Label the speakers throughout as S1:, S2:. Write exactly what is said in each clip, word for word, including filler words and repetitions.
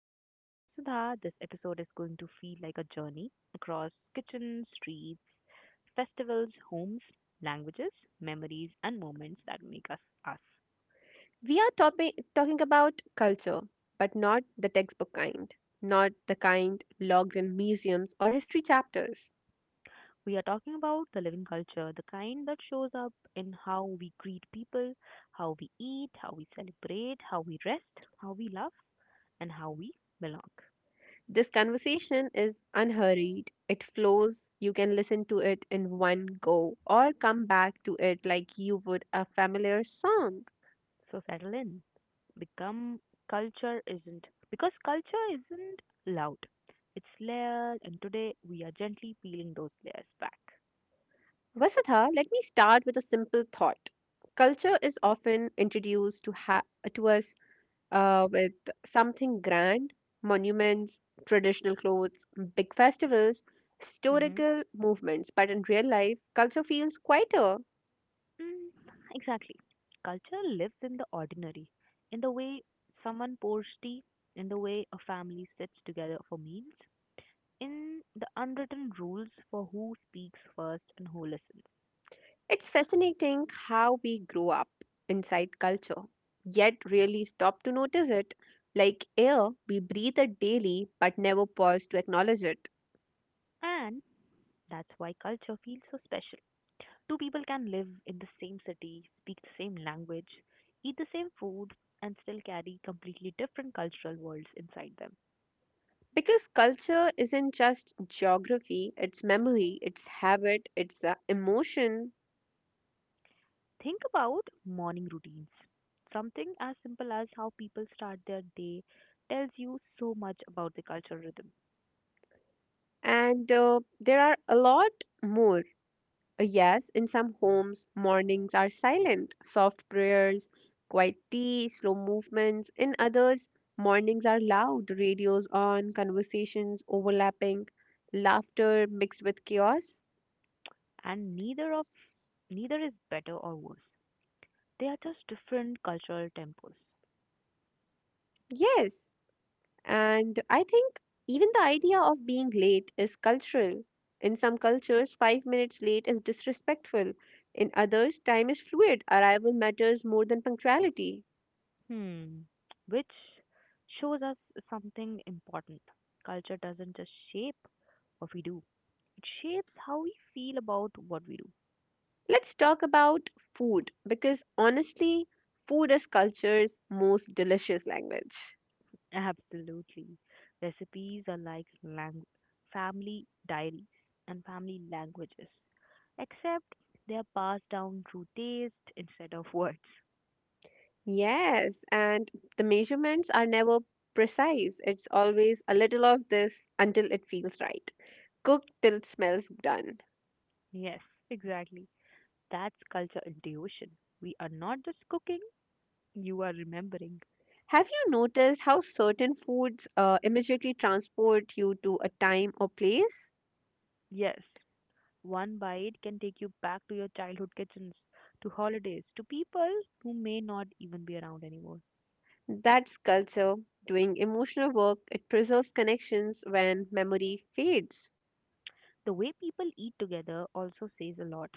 S1: And I am Vasudha. This episode is going to feel like a journey across kitchens, streets, festivals, homes, languages, memories, and moments that make us us.
S2: We are topi- talking about culture, but not the textbook kind, not the kind logged in museums or history chapters.
S1: We are talking about the living culture, the kind that shows up in how we greet people, how we eat, how we celebrate, how we rest, how we love, and how we belong.
S2: This conversation is unhurried, it flows. You can listen to it in one go or come back to it like you would a familiar song.
S1: So settle in. Become culture isn't Because culture isn't loud. It's layered, and today we are gently peeling those layers back.
S2: Vasudha, let me start with a simple thought. Culture is often introduced to, ha- to us uh, with something grand: monuments, traditional clothes, big festivals,
S1: Mm-hmm.
S2: historical movements. But in real life, culture feels quieter.
S1: Mm, exactly. Culture lives in the ordinary, in the way someone pours tea, in the way a family sits together for meals, in the unwritten rules for who speaks first and who listens.
S2: It's fascinating how we grow up inside culture, yet really stop to notice it. Like air, we breathe it daily but never pause to acknowledge it.
S1: And that's why culture feels so special. Two people can live in the same city, speak the same language, eat the same food, and still carry completely different cultural worlds inside them.
S2: Because culture isn't just geography, it's memory, it's habit, it's uh, emotion,
S1: Think about morning routines. Something as simple as how people start their day tells you so much about the cultural rhythm.
S2: and uh, there are a lot more. Uh, yes, in some homes, mornings are silent: soft prayers, quiet tea, slow movements. In others, mornings are loud: radios on, conversations overlapping, laughter mixed with chaos.
S1: And neither of neither is better or worse. They are just different cultural tempos.
S2: Yes. And I think even the idea of being late is cultural. In some cultures, five minutes late is disrespectful. In others, time is fluid. Arrival matters more than punctuality.
S1: Hmm. Which shows us something important. Culture doesn't just shape what we do, It shapes how we feel about what we do.
S2: Let's talk about food because honestly, food is culture's most delicious language.
S1: Absolutely. Recipes are like lang- family diaries and family languages, except they are passed down through taste instead of words.
S2: Yes, and the measurements are never precise. It's always a little of this until it feels right. Cook till it smells done.
S1: Yes, exactly. That's culture intuition. We are not just cooking, you are remembering.
S2: Have you noticed how certain foods uh, immediately transport you to a time or place?
S1: Yes, one bite can take you back to your childhood kitchens, to holidays, to people who may not even be around anymore.
S2: That's culture doing emotional work. It preserves connections when memory fades.
S1: The way people eat together also says a lot.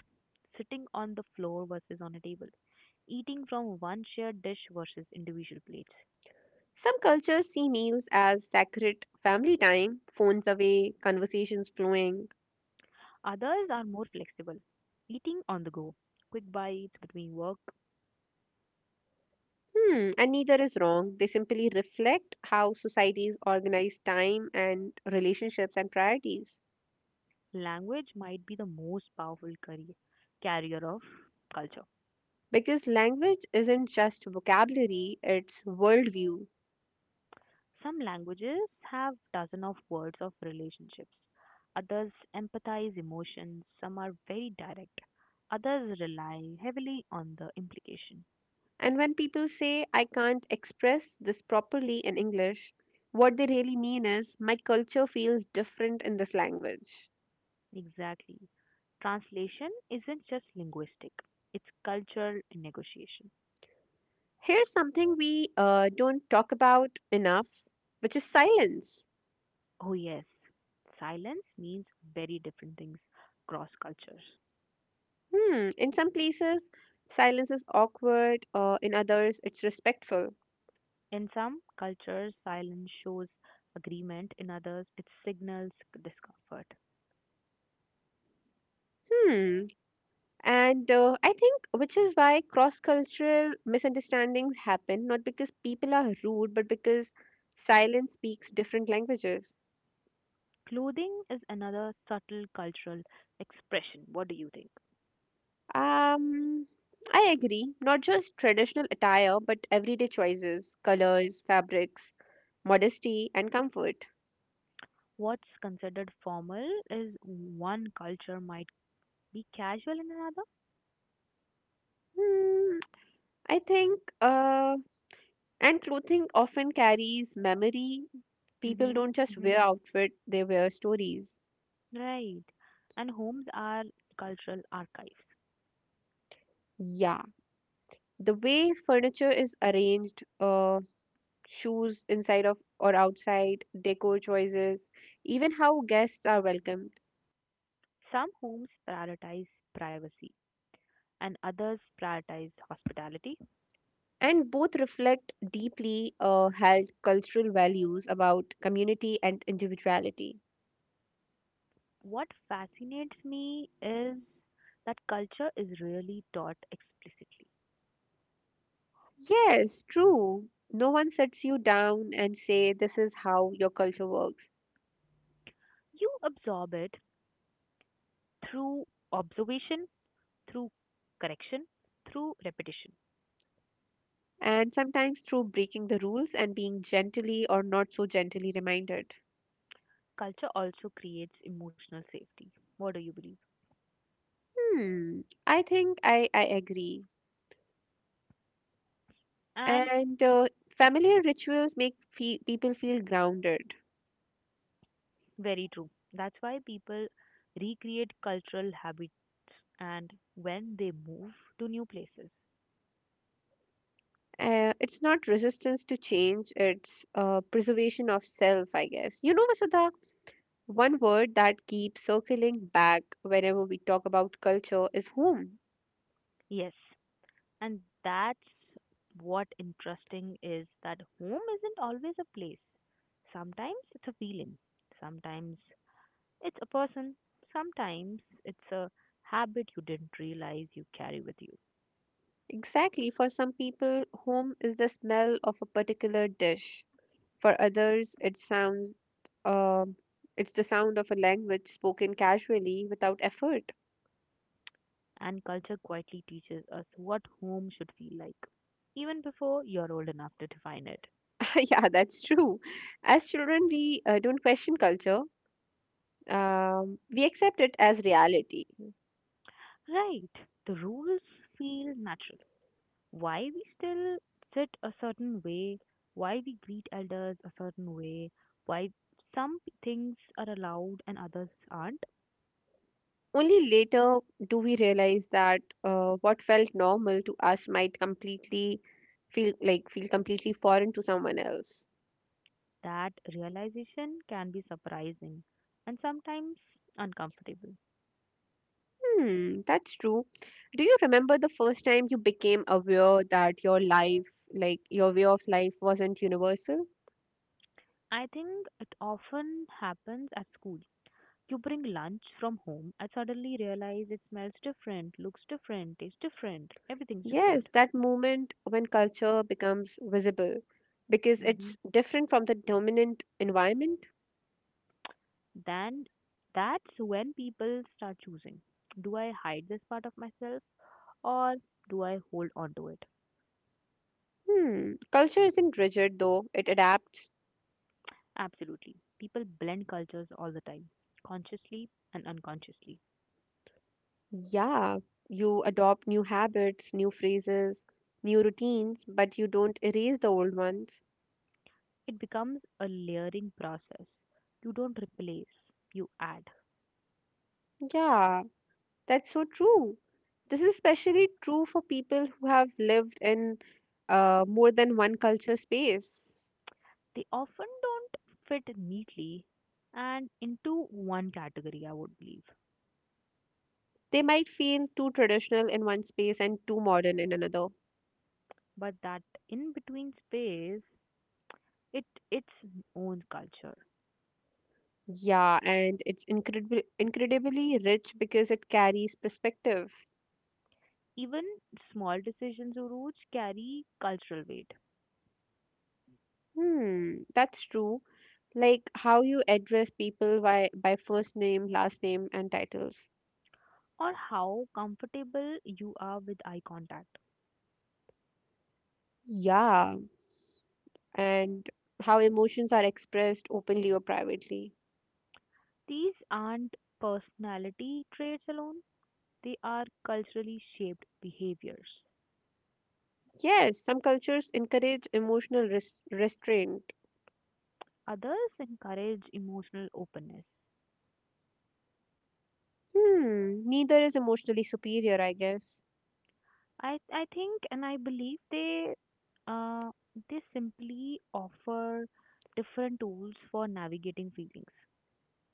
S1: Sitting on the floor versus on a table, eating from one shared dish versus individual plates.
S2: Some cultures see meals as sacred family time: phones away, conversations flowing.
S1: Others are more flexible, eating on the go, quick bites between work.
S2: Hmm, and neither is wrong. They simply reflect how societies organize time and relationships and priorities.
S1: Language might be the most powerful carri- carrier of culture.
S2: Because language isn't just vocabulary, it's worldview.
S1: Some languages have dozen of words of relationships. Others empathize emotions. Some are very direct. Others rely heavily on the implication.
S2: And when people say, "I can't express this properly in English," what they really mean is, my culture feels different in this language.
S1: Exactly. Translation isn't just linguistic, it's cultural negotiation.
S2: Here's something we uh, don't talk about enough, which is silence.
S1: Oh, yes. Silence means very different things across cultures.
S2: Hmm, in some places, silence is awkward; uh, in others, it's respectful.
S1: In some cultures, silence shows agreement, in others, it signals discomfort.
S2: Hmm. And uh, I think which is why cross cultural misunderstandings happen, not because people are rude, but because silence speaks different languages.
S1: Clothing is another subtle cultural expression. What do you think?
S2: Um, I agree. Not just traditional attire, but everyday choices: colors, fabrics, modesty, and comfort.
S1: What's considered formal is one culture might be casual in another.
S2: Hmm, I think, uh, and clothing often carries memory. People
S1: Mm-hmm,
S2: don't just
S1: mm-hmm.
S2: wear outfit, they wear stories.
S1: Right. And homes are cultural archives.
S2: Yeah. The way furniture is arranged, uh, shoes inside of or outside, decor choices, even how guests are welcomed,
S1: Some homes prioritize privacy and others prioritize hospitality.
S2: and both reflect deeply uh, held cultural values about community and individuality.
S1: What fascinates me is that culture is really taught explicitly.
S2: Yes, true. No one sets you down and say this is how your culture works.
S1: You absorb it through observation, through correction, through repetition.
S2: And sometimes through breaking the rules and being gently or not so gently reminded.
S1: Culture also creates emotional safety. What do you believe?
S2: Hmm, I think I, I agree.
S1: And
S2: And uh, familiar rituals make fe- people feel grounded.
S1: Very true. That's why people recreate cultural habits and when they move to new places.
S2: Uh, it's not resistance to change, it's uh, preservation of self, I guess. You know, Vasudha, one word that keeps circling back whenever we talk about culture is home.
S1: Yes, and that's what interesting is that home isn't always a place. Sometimes it's a feeling, sometimes it's a person, sometimes it's a habit you didn't realize you carry with you.
S2: Exactly. For some people, home is the smell of a particular dish. For others, it sounds, uh, it's the sound of a language spoken casually without effort.
S1: And culture quietly teaches us what home should feel like, even before you're old enough to define it.
S2: Yeah, that's true. As children, we uh, don't question culture. Um, we accept it as reality.
S1: Right, the rules feel natural. Why we still sit a certain way, why we greet elders a certain way, why some p- things are allowed and others aren't,
S2: Only later do we realize that uh, what felt normal to us might completely feel like feel completely foreign to someone else.
S1: that realization can be surprising and sometimes uncomfortable.
S2: Hmm, that's true. Do you remember the first time you became aware that your life, like your way of life, wasn't universal?
S1: I think it often happens at school. You bring lunch from home and suddenly realize it smells different, looks different, tastes different, everything's
S2: Yes,
S1: different.
S2: that moment when culture becomes visible because it's
S1: hmm
S2: different from the dominant environment.
S1: Then that's when people start choosing. Do I hide this part of myself or do I hold on to it?
S2: Hmm. Culture isn't rigid though, it adapts.
S1: Absolutely. People blend cultures all the time, consciously and unconsciously.
S2: Yeah, you adopt new habits, new phrases, new routines, but you don't erase the old ones.
S1: It becomes a layering process. You don't replace, you add.
S2: Yeah, that's so true. This is especially true for people who have lived in uh, more than one culture space.
S1: They often don't fit neatly and into one category, I would believe.
S2: They might feel too traditional in one space and too modern in another.
S1: But that in between space, it its own culture.
S2: Yeah, and it's incredibly incredibly rich because it carries perspective.
S1: Even small decisions or routes carry cultural weight,
S2: Hmm, that's true. Like how you address people by by first name, last name and titles.
S1: or how comfortable you are with eye contact.
S2: Yeah, and how emotions are expressed openly or privately.
S1: These aren't personality traits alone, they are culturally shaped behaviors.
S2: Yes, some cultures encourage emotional res- restraint.
S1: Others encourage emotional openness.
S2: Hmm, neither is emotionally superior, I guess.
S1: I, I think and I believe they uh, they simply offer different tools for navigating feelings.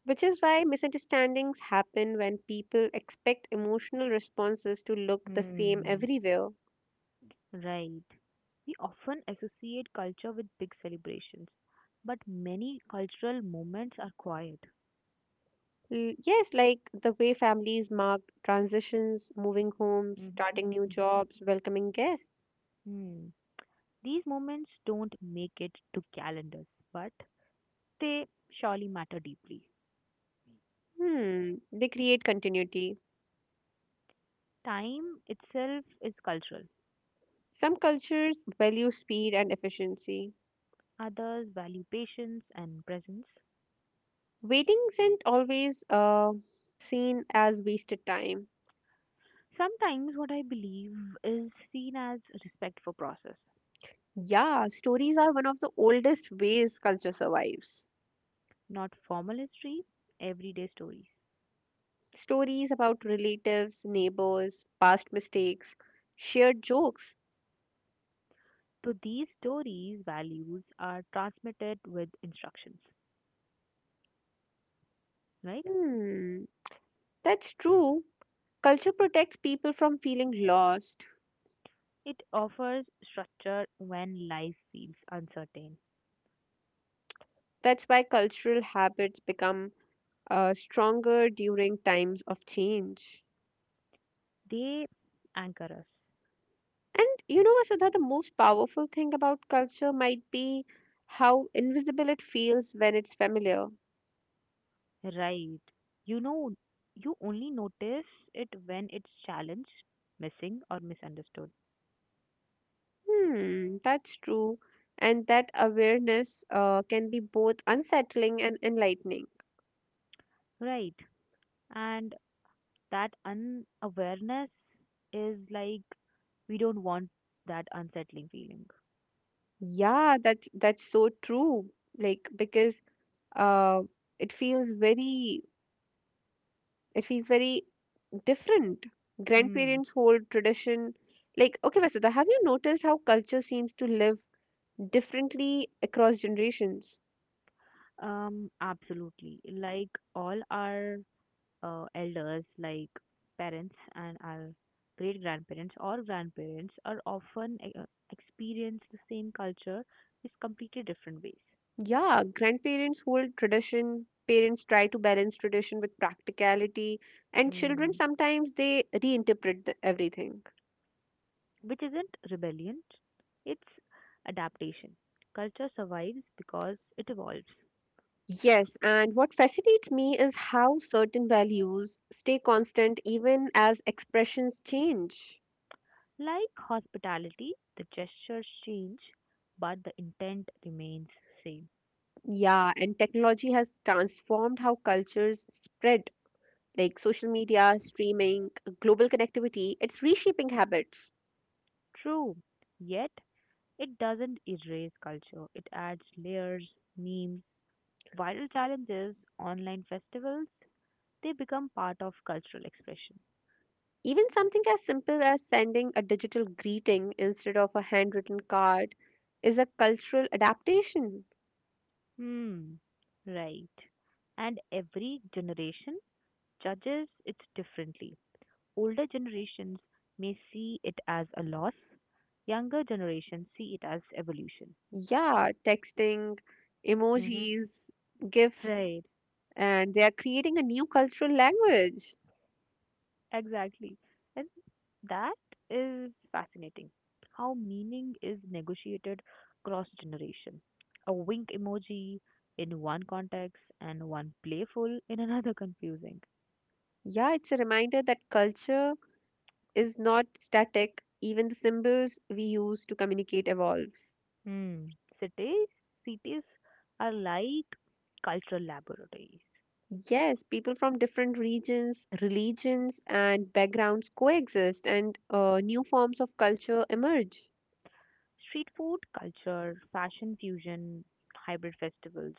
S2: Which is why misunderstandings happen when people expect emotional responses to look the same
S1: Hmm.
S2: everywhere.
S1: Right. We often associate culture with big celebrations, but many cultural moments are quiet.
S2: L- Yes, like the way families mark transitions: moving homes,
S1: Mm-hmm.
S2: starting new
S1: Mm-hmm.
S2: jobs, welcoming guests.
S1: Hmm. These moments don't make it to calendars, but they surely matter deeply.
S2: Hmm, they create continuity.
S1: Time itself is cultural.
S2: Some cultures value speed and efficiency.
S1: Others value patience and presence.
S2: Waiting isn't always uh, seen as wasted time.
S1: Sometimes what I believe is seen as respect for process,
S2: Yeah, stories are one of the oldest ways culture survives.
S1: not formal history, everyday stories.
S2: Stories about relatives, neighbors, past mistakes, shared jokes.
S1: So these stories values are transmitted with instructions, right?
S2: Hmm, that's true. Culture protects people from feeling lost.
S1: It offers structure when life feels uncertain.
S2: That's why cultural habits become uh, stronger during times of change.
S1: They anchor us,
S2: And you know, Vasudha, the most powerful thing about culture might be how invisible it feels when it's familiar.
S1: right? You know, you only notice it when it's challenged, missing, or misunderstood,
S2: Hmm, that's true. And that awareness uh, can be both unsettling and enlightening.
S1: right? And that unawareness is like we don't want that unsettling feeling.
S2: Yeah, that's that's so true. Like because uh, it feels very it feels very different.
S1: Mm.
S2: Grandparents hold tradition. Like okay, Vasudha, have you noticed how culture seems to live differently across generations?
S1: Um, absolutely. Like all our uh, elders like parents and our great grandparents or grandparents are often uh, experience the same culture in completely different ways.
S2: Yeah, grandparents hold tradition, parents try to balance tradition with practicality, and children
S1: mm.
S2: sometimes they reinterpret the, everything.
S1: Which isn't rebellion, it's adaptation. Culture survives because it evolves.
S2: Yes, and what fascinates me is how certain values stay constant even as expressions change.
S1: Like hospitality, the gestures change, but the intent remains same.
S2: Yeah, and technology has transformed how cultures spread, like social media, streaming, global connectivity. It's reshaping habits.
S1: True, yet it doesn't erase culture, it adds layers. Memes, viral challenges, online festivals, they become part of cultural expression.
S2: Even something as simple as sending a digital greeting instead of a handwritten card is a cultural adaptation.
S1: Hmm, right. And every generation judges it differently. Older generations may see it as a loss, younger generations see it as evolution.
S2: Yeah, texting,
S1: Hmm.
S2: emojis, gifts,
S1: Right,
S2: and they are creating a new cultural language.
S1: exactly. And that is fascinating. How meaning is negotiated cross generation. A wink emoji in one context and one playful in another confusing.
S2: Yeah, it's a reminder that culture is not static, even the symbols we use to communicate evolve.
S1: Hmm. Cities cities are like cultural laboratories.
S2: Yes, people from different regions, religions, and backgrounds coexist, and uh, new forms of culture emerge.
S1: Street food culture, fashion fusion, hybrid festivals.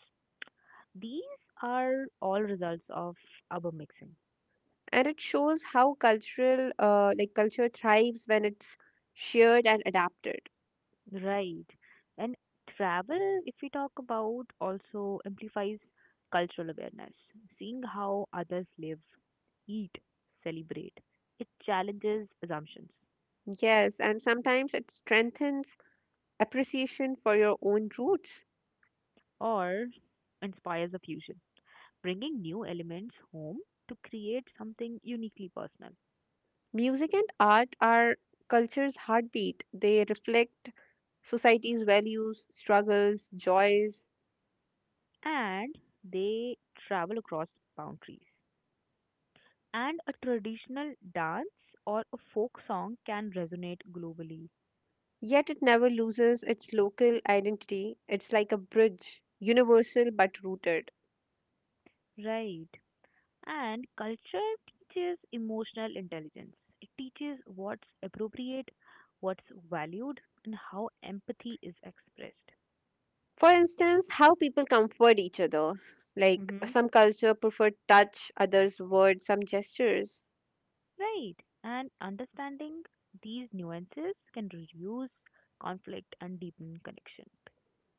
S1: These are all results of urban mixing.
S2: And it shows how cultural uh, like culture thrives when it's shared and adapted.
S1: Right. And travel, if we talk about, also amplifies cultural awareness. Seeing how others live, eat, celebrate, it challenges assumptions
S2: Yes, and sometimes it strengthens appreciation for your own roots.
S1: or inspires a fusion, bringing new elements home to create something uniquely personal.
S2: Music and art are culture's heartbeat. They reflect society's values, struggles, joys.
S1: And they travel across boundaries. And a traditional dance or a folk song can resonate globally.
S2: Yet it never loses its local identity. It's like a bridge, universal but rooted.
S1: Right. And culture teaches emotional intelligence. It teaches what's appropriate, what's valued, and how empathy is expressed.
S2: For instance, how people comfort each other. Like
S1: Hmm.
S2: some culture prefer touch, others words, some gestures.
S1: Right. And understanding these nuances can reduce conflict and deepen connection.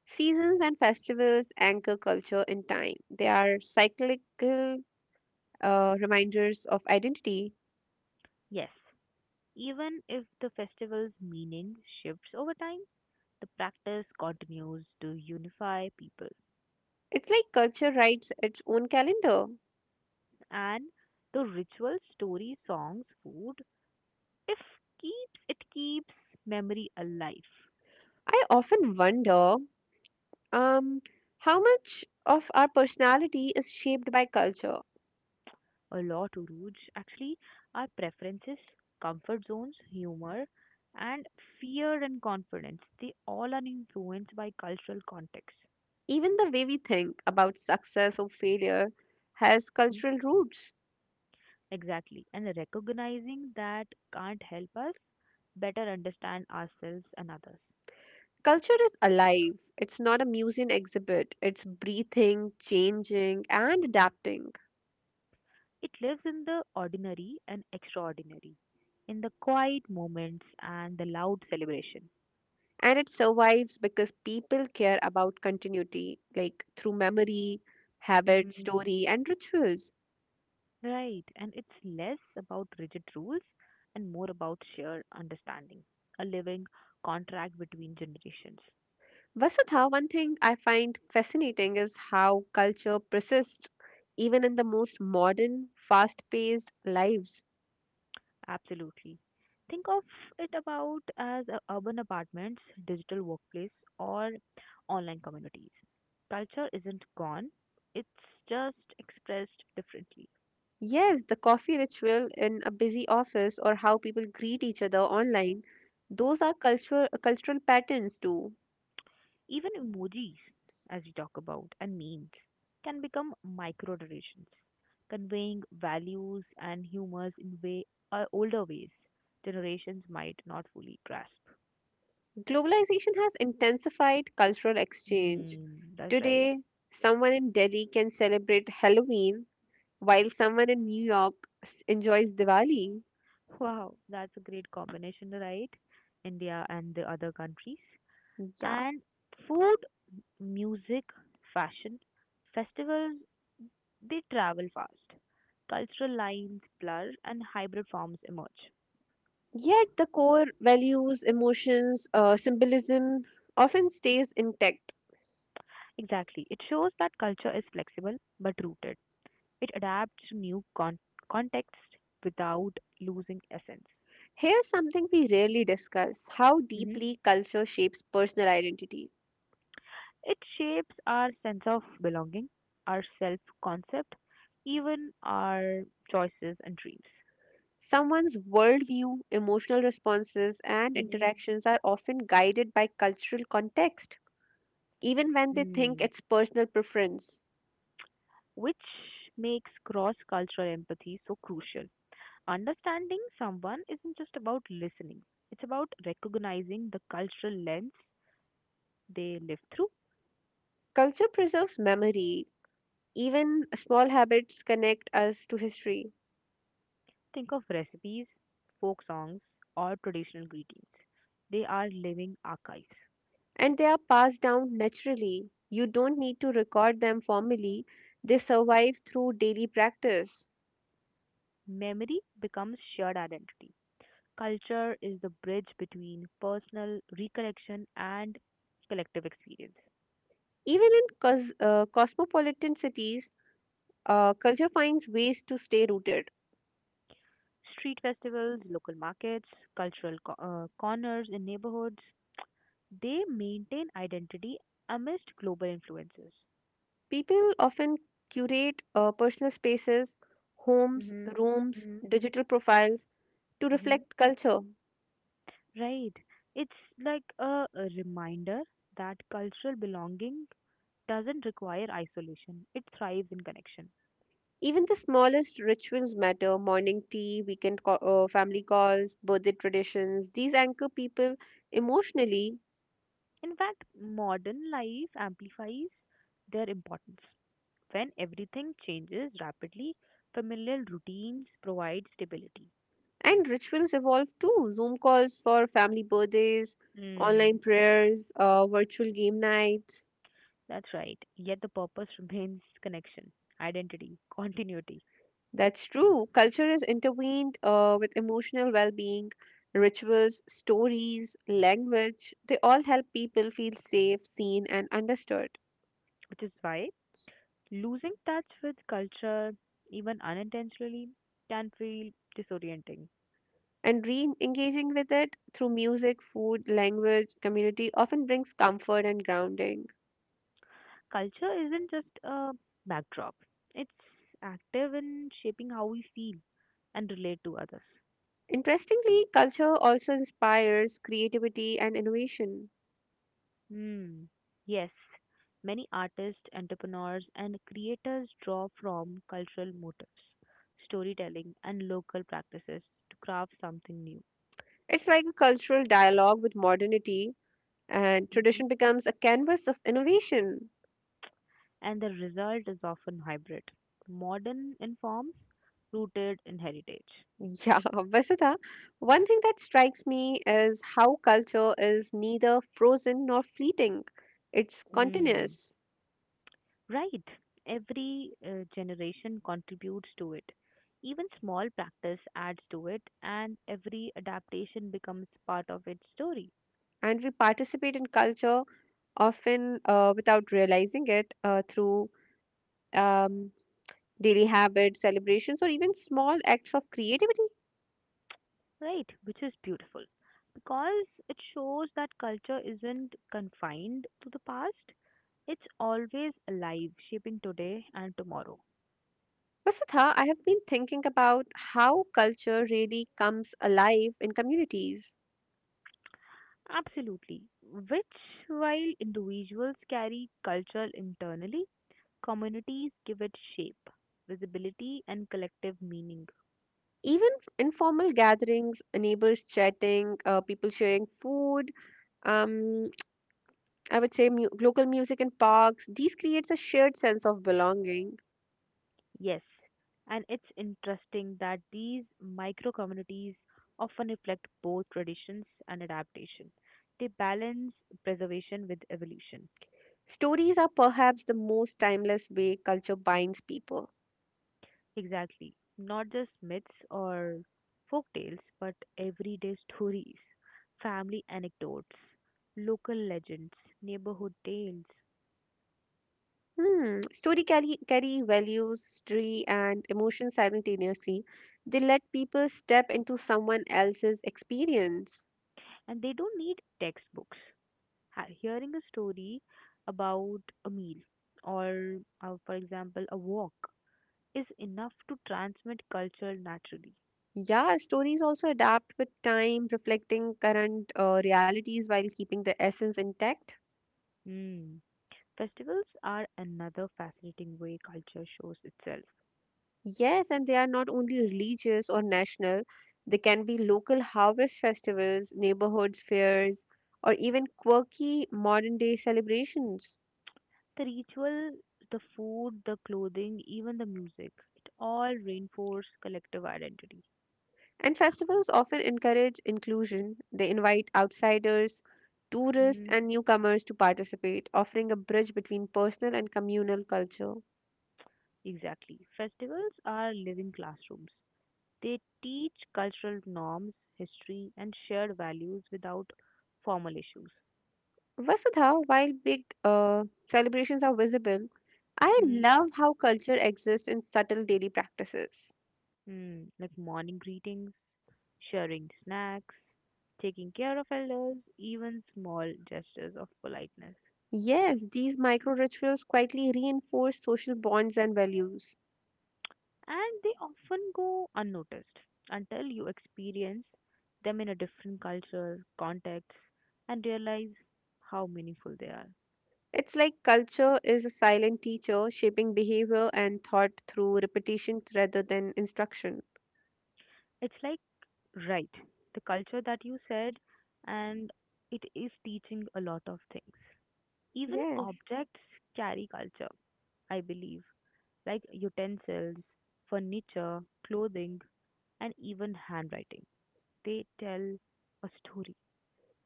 S2: Seasons and festivals anchor culture in time. They are cyclical uh, reminders of identity.
S1: Yes, even if the festival's meaning shifts over time, the practice continues to unify people.
S2: It's like culture writes its own calendar.
S1: And the rituals, stories, songs, food, if keeps it keeps memory alive.
S2: I often wonder um, how much of our personality is shaped by culture.
S1: A lot, Uruj. Actually, our preferences, comfort zones, humor, and fear and confidence, they all are influenced by cultural context.
S2: Even the way we think about success or failure has
S1: Mm,
S2: cultural roots.
S1: exactly. And recognizing that can't help us better understand ourselves and others.
S2: Culture is alive. It's not a museum exhibit. It's breathing, changing, and adapting.
S1: It lives in the ordinary and extraordinary, in the quiet moments and the loud celebration.
S2: And it survives because people care about continuity, like through memory, habit,
S1: Mm-hmm.
S2: story, and rituals.
S1: Right, and it's less about rigid rules and more about shared understanding, a living contract between generations.
S2: Vasudha, one thing I find fascinating is how culture persists even in the most modern, fast paced lives.
S1: Absolutely. Think of it about as a urban apartments, digital workplace, or online communities. Culture isn't gone, it's just expressed differently.
S2: Yes, the coffee ritual in a busy office or how people greet each other online, those are cultural cultural patterns too.
S1: Even emojis, as we talk about, and memes can become micro traditions, conveying values and humors in way uh, older ways generations might not fully grasp.
S2: Globalization has intensified cultural exchange.
S1: Hmm, that's right.
S2: Today, someone in Delhi can celebrate Halloween while someone in New York s- enjoys Diwali.
S1: Wow, that's a great combination, right? India and the other countries.
S2: Yeah.
S1: And food, music, fashion, festivals, they travel fast. Cultural lines blur and hybrid forms emerge.
S2: Yet the core values, emotions, uh, symbolism often stays intact.
S1: Exactly. It shows that culture is flexible but rooted. It adapts to new con- contexts without losing essence.
S2: Here's something we rarely discuss: how
S1: hmm
S2: deeply culture shapes personal identity.
S1: It shapes our sense of belonging, our self concept, even our choices and dreams.
S2: Someone's worldview, emotional responses, and
S1: hmm
S2: interactions are often guided by cultural context, even when they think
S1: Mm.
S2: it's personal preference.
S1: Which makes cross cultural empathy so crucial. Understanding someone isn't just about listening, it's about recognizing the cultural lens they live through.
S2: Culture preserves memory. Even small habits connect us to history,
S1: Think of recipes, folk songs, or traditional greetings. They are living archives.
S2: and they are passed down naturally. You don't need to record them formally, they survive through daily practice.
S1: Memory becomes shared identity. Culture is the bridge between personal recollection and collective experience.
S2: Even in cos- uh, cosmopolitan cities, uh, culture finds ways to stay rooted.
S1: Street festivals, local markets, cultural co- uh, corners in neighborhoods, they maintain identity amidst global influences.
S2: People often curate uh, personal spaces: homes,
S1: Hmm.
S2: rooms,
S1: Hmm.
S2: digital profiles to
S1: Hmm.
S2: reflect culture.
S1: Right. It's like a, a reminder that cultural belonging doesn't require isolation, it thrives in connection.
S2: Even the smallest rituals matter: morning tea, weekend co- uh, family calls, birthday traditions. These anchor people emotionally,
S1: In fact, modern life amplifies their importance. When everything changes rapidly, familial routines provide stability.
S2: and rituals evolve too. Zoom calls for family birthdays, online
S1: Mm,
S2: prayers, uh, virtual game nights.
S1: that's right. Yet the purpose remains connection, identity, continuity,
S2: That's true. Culture is intertwined uh, with emotional well being. Rituals, stories, language, they all help people feel safe, seen, and understood.
S1: which is why losing touch with culture, even unintentionally, can feel disorienting.
S2: And re engaging with it through music, food, language, community often brings comfort and grounding.
S1: Culture isn't just a backdrop, it's active in shaping how we feel and relate to others.
S2: Interestingly, culture also inspires creativity and innovation.
S1: Hmm. Yes, many artists, entrepreneurs, and creators draw from cultural motifs, storytelling, and local practices to craft something new.
S2: It's like a cultural dialogue with modernity, and
S1: hmm
S2: tradition becomes a canvas of innovation.
S1: And the result is often hybrid, modern in forms, rooted in heritage.
S2: Yeah. Vasudha, one thing that strikes me is how culture is neither frozen nor fleeting, it's
S1: Hmm.
S2: continuous,
S1: Right. Every uh, generation contributes to it. Even small practice adds to it, and every adaptation becomes part of its story.
S2: and we participate in culture often uh, without realizing it uh, through um, daily habits, celebrations, or even small acts of creativity.
S1: Right, which is beautiful because it shows that culture isn't confined to the past, it's always alive, shaping today and tomorrow.
S2: Vasudha, I have been thinking about how culture really comes alive in communities.
S1: Absolutely. Which, while individuals carry culture internally, communities give it shape, visibility, and collective meaning.
S2: Even informal gatherings, neighbors chatting, uh, people sharing food, um, I would say mu- local music in parks, these creates a shared sense of belonging.
S1: Yes, and it's interesting that these micro communities often reflect both traditions and adaptation. They balance preservation with evolution.
S2: Stories are perhaps the most timeless way culture binds people.
S1: Exactly. Not just myths or folk tales, but everyday stories, family anecdotes, local legends, neighborhood tales.
S2: Hmm. Story carry, carry values, history, and emotion simultaneously. They let people step into someone else's experience.
S1: And they don't need textbooks. Ha- Hearing a story about a meal or, uh, for example, a walk is enough to transmit culture naturally.
S2: Yeah, stories also adapt with time, reflecting current uh, realities while keeping the essence intact.
S1: Hmm. Festivals are another fascinating way culture shows itself.
S2: Yes, and they are not only religious or national, they can be local harvest festivals, neighborhoods fairs, or even quirky modern day celebrations.
S1: The ritual, the food, the clothing, even the music, it all reinforce collective identity.
S2: And festivals often encourage inclusion. They invite outsiders, tourists,
S1: Hmm.
S2: and newcomers to participate, offering a bridge between personal and communal culture.
S1: Exactly. Festivals are living classrooms. They teach cultural norms, history, and shared values without formal issues.
S2: Vasudha, while big uh, celebrations are visible, I
S1: Mm-hmm.
S2: love how culture exists in subtle daily practices.
S1: Hmm Mm, like morning greetings, sharing snacks, taking care of elders, even small gestures of politeness.
S2: Yes, these micro rituals quietly reinforce social bonds and values.
S1: And they often go unnoticed until you experience them in a different culture, context, and realize how meaningful they are.
S2: It's like culture is a silent teacher, shaping behavior and thought through repetition rather than instruction.
S1: It's like, right, the culture that you said, and it is teaching a lot of things. Even
S2: Yes.
S1: objects carry culture, I believe, like utensils, furniture, clothing, and even handwriting. They tell a story.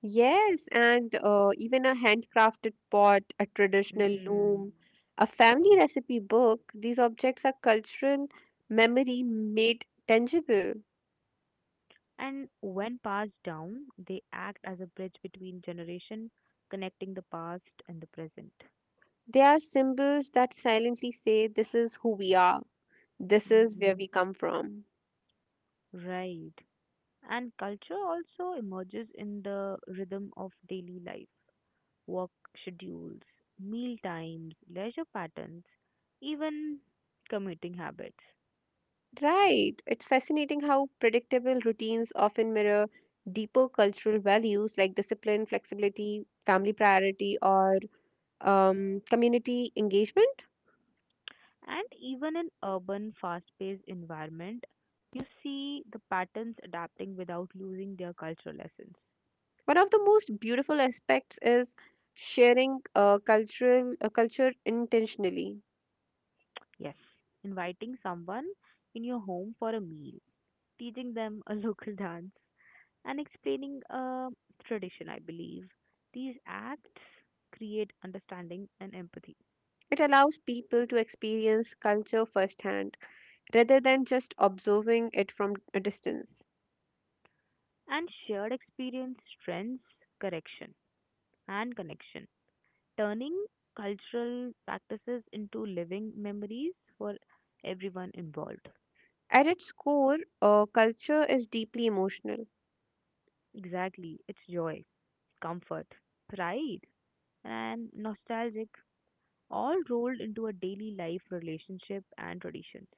S2: Yes, and uh, even a handcrafted pot, a traditional
S1: Mm.
S2: loom, a family recipe book, these objects are cultural memory made tangible.
S1: And when passed down, they act as a bridge between generation, connecting the past and the present.
S2: They are symbols that silently say, This is who we are, this is where
S1: Mm.
S2: we come from.
S1: Right. And culture also emerges in the rhythm of daily life, work schedules, meal times, leisure patterns, even commuting habits.
S2: Right. It's fascinating how predictable routines often mirror deeper cultural values like discipline, flexibility, family priority, or um, community engagement.
S1: And even in urban, fast-paced environment, you see the patterns adapting without losing their cultural essence.
S2: One of the most beautiful aspects is sharing a cultural a culture intentionally.
S1: Yes, inviting someone in your home for a meal, teaching them a local dance, and explaining a tradition, I believe. These acts create understanding and empathy,
S2: It allows people to experience culture firsthand rather than just observing it from a distance.
S1: and shared experience strengths correction and connection, turning cultural practices into living memories for everyone involved.
S2: At its core, uh, culture is deeply emotional.
S1: Exactly, it's joy, comfort, pride, and nostalgic all rolled into a daily life relationship and traditions.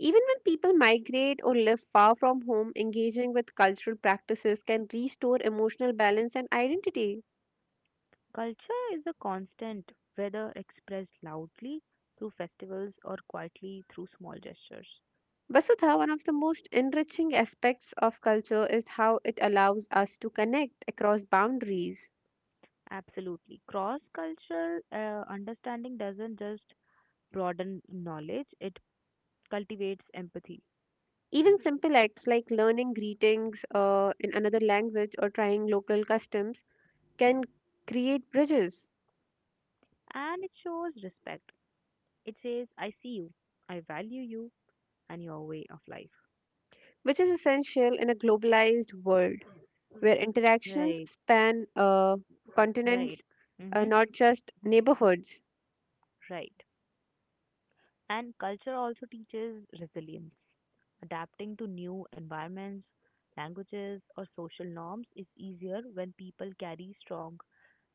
S2: Even when people migrate or live far from home, engaging with cultural practices can restore emotional balance and identity.
S1: Culture is a constant, whether expressed loudly through festivals or quietly through small gestures.
S2: Vasudha, one of the most enriching aspects of culture is how it allows us to connect across boundaries.
S1: Absolutely. Cross cultural uh, understanding doesn't just broaden knowledge, it cultivates empathy.
S2: Even simple acts like learning greetings uh, in another language or trying local customs can create bridges,
S1: And it shows respect. It says, I see you, I value you, and your way of life.
S2: which is essential in a globalized world where interactions
S1: Right,
S2: span uh,
S1: right,
S2: continents, uh,
S1: mm-hmm,
S2: not just neighborhoods.
S1: right. And culture also teaches resilience. Adapting to new environments, languages, or social norms is easier when people carry strong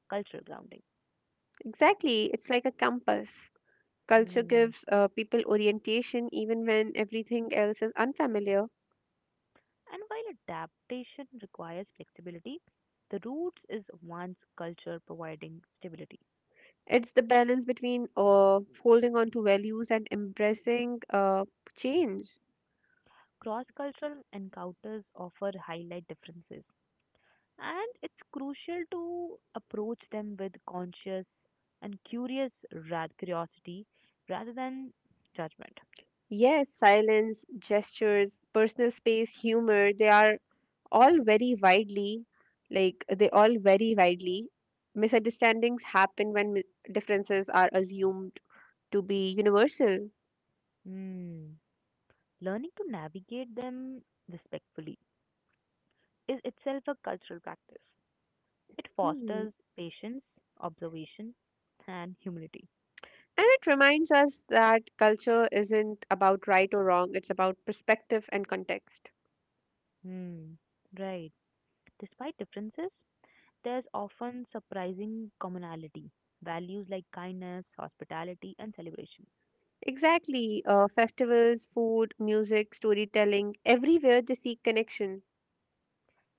S1: cultural grounding.
S2: Exactly, it's like a compass. Culture
S1: Mm.
S2: gives uh, people orientation even when everything else is unfamiliar.
S1: And while adaptation requires flexibility, the roots is one's culture providing stability.
S2: It's the balance between uh, holding on to values and embracing uh, change.
S1: Cross cultural encounters offer highlight differences, and it's crucial to approach them with conscious and curious ra- curiosity rather than judgment.
S2: Yes, silence, gestures, personal space, humor, they are all very widely, like, they all vary widely. Misunderstandings happen when mi- differences are assumed to be universal.
S1: Hmm. Learning to navigate them respectfully is itself a cultural practice. It
S2: Hmm.
S1: fosters patience, observation, and humility.
S2: And it reminds us that culture isn't about right or wrong, it's about perspective and context.
S1: Hmm. Right. Despite differences, there's often surprising commonality. Values like kindness, hospitality, and celebration.
S2: Exactly. Uh, festivals, food, music, storytelling, everywhere they seek connection.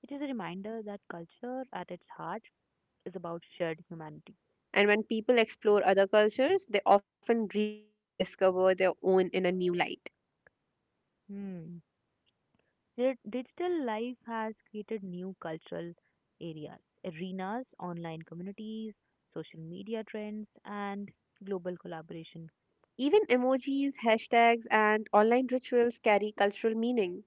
S1: It is a reminder that culture at its heart is about shared humanity.
S2: And when people explore other cultures, they often rediscover their own in a new light.
S1: Hmm. Di- Digital life has created new cultural areas, arenas, online communities, social media trends, and global collaboration.
S2: Even emojis, hashtags, and online rituals carry cultural meaning.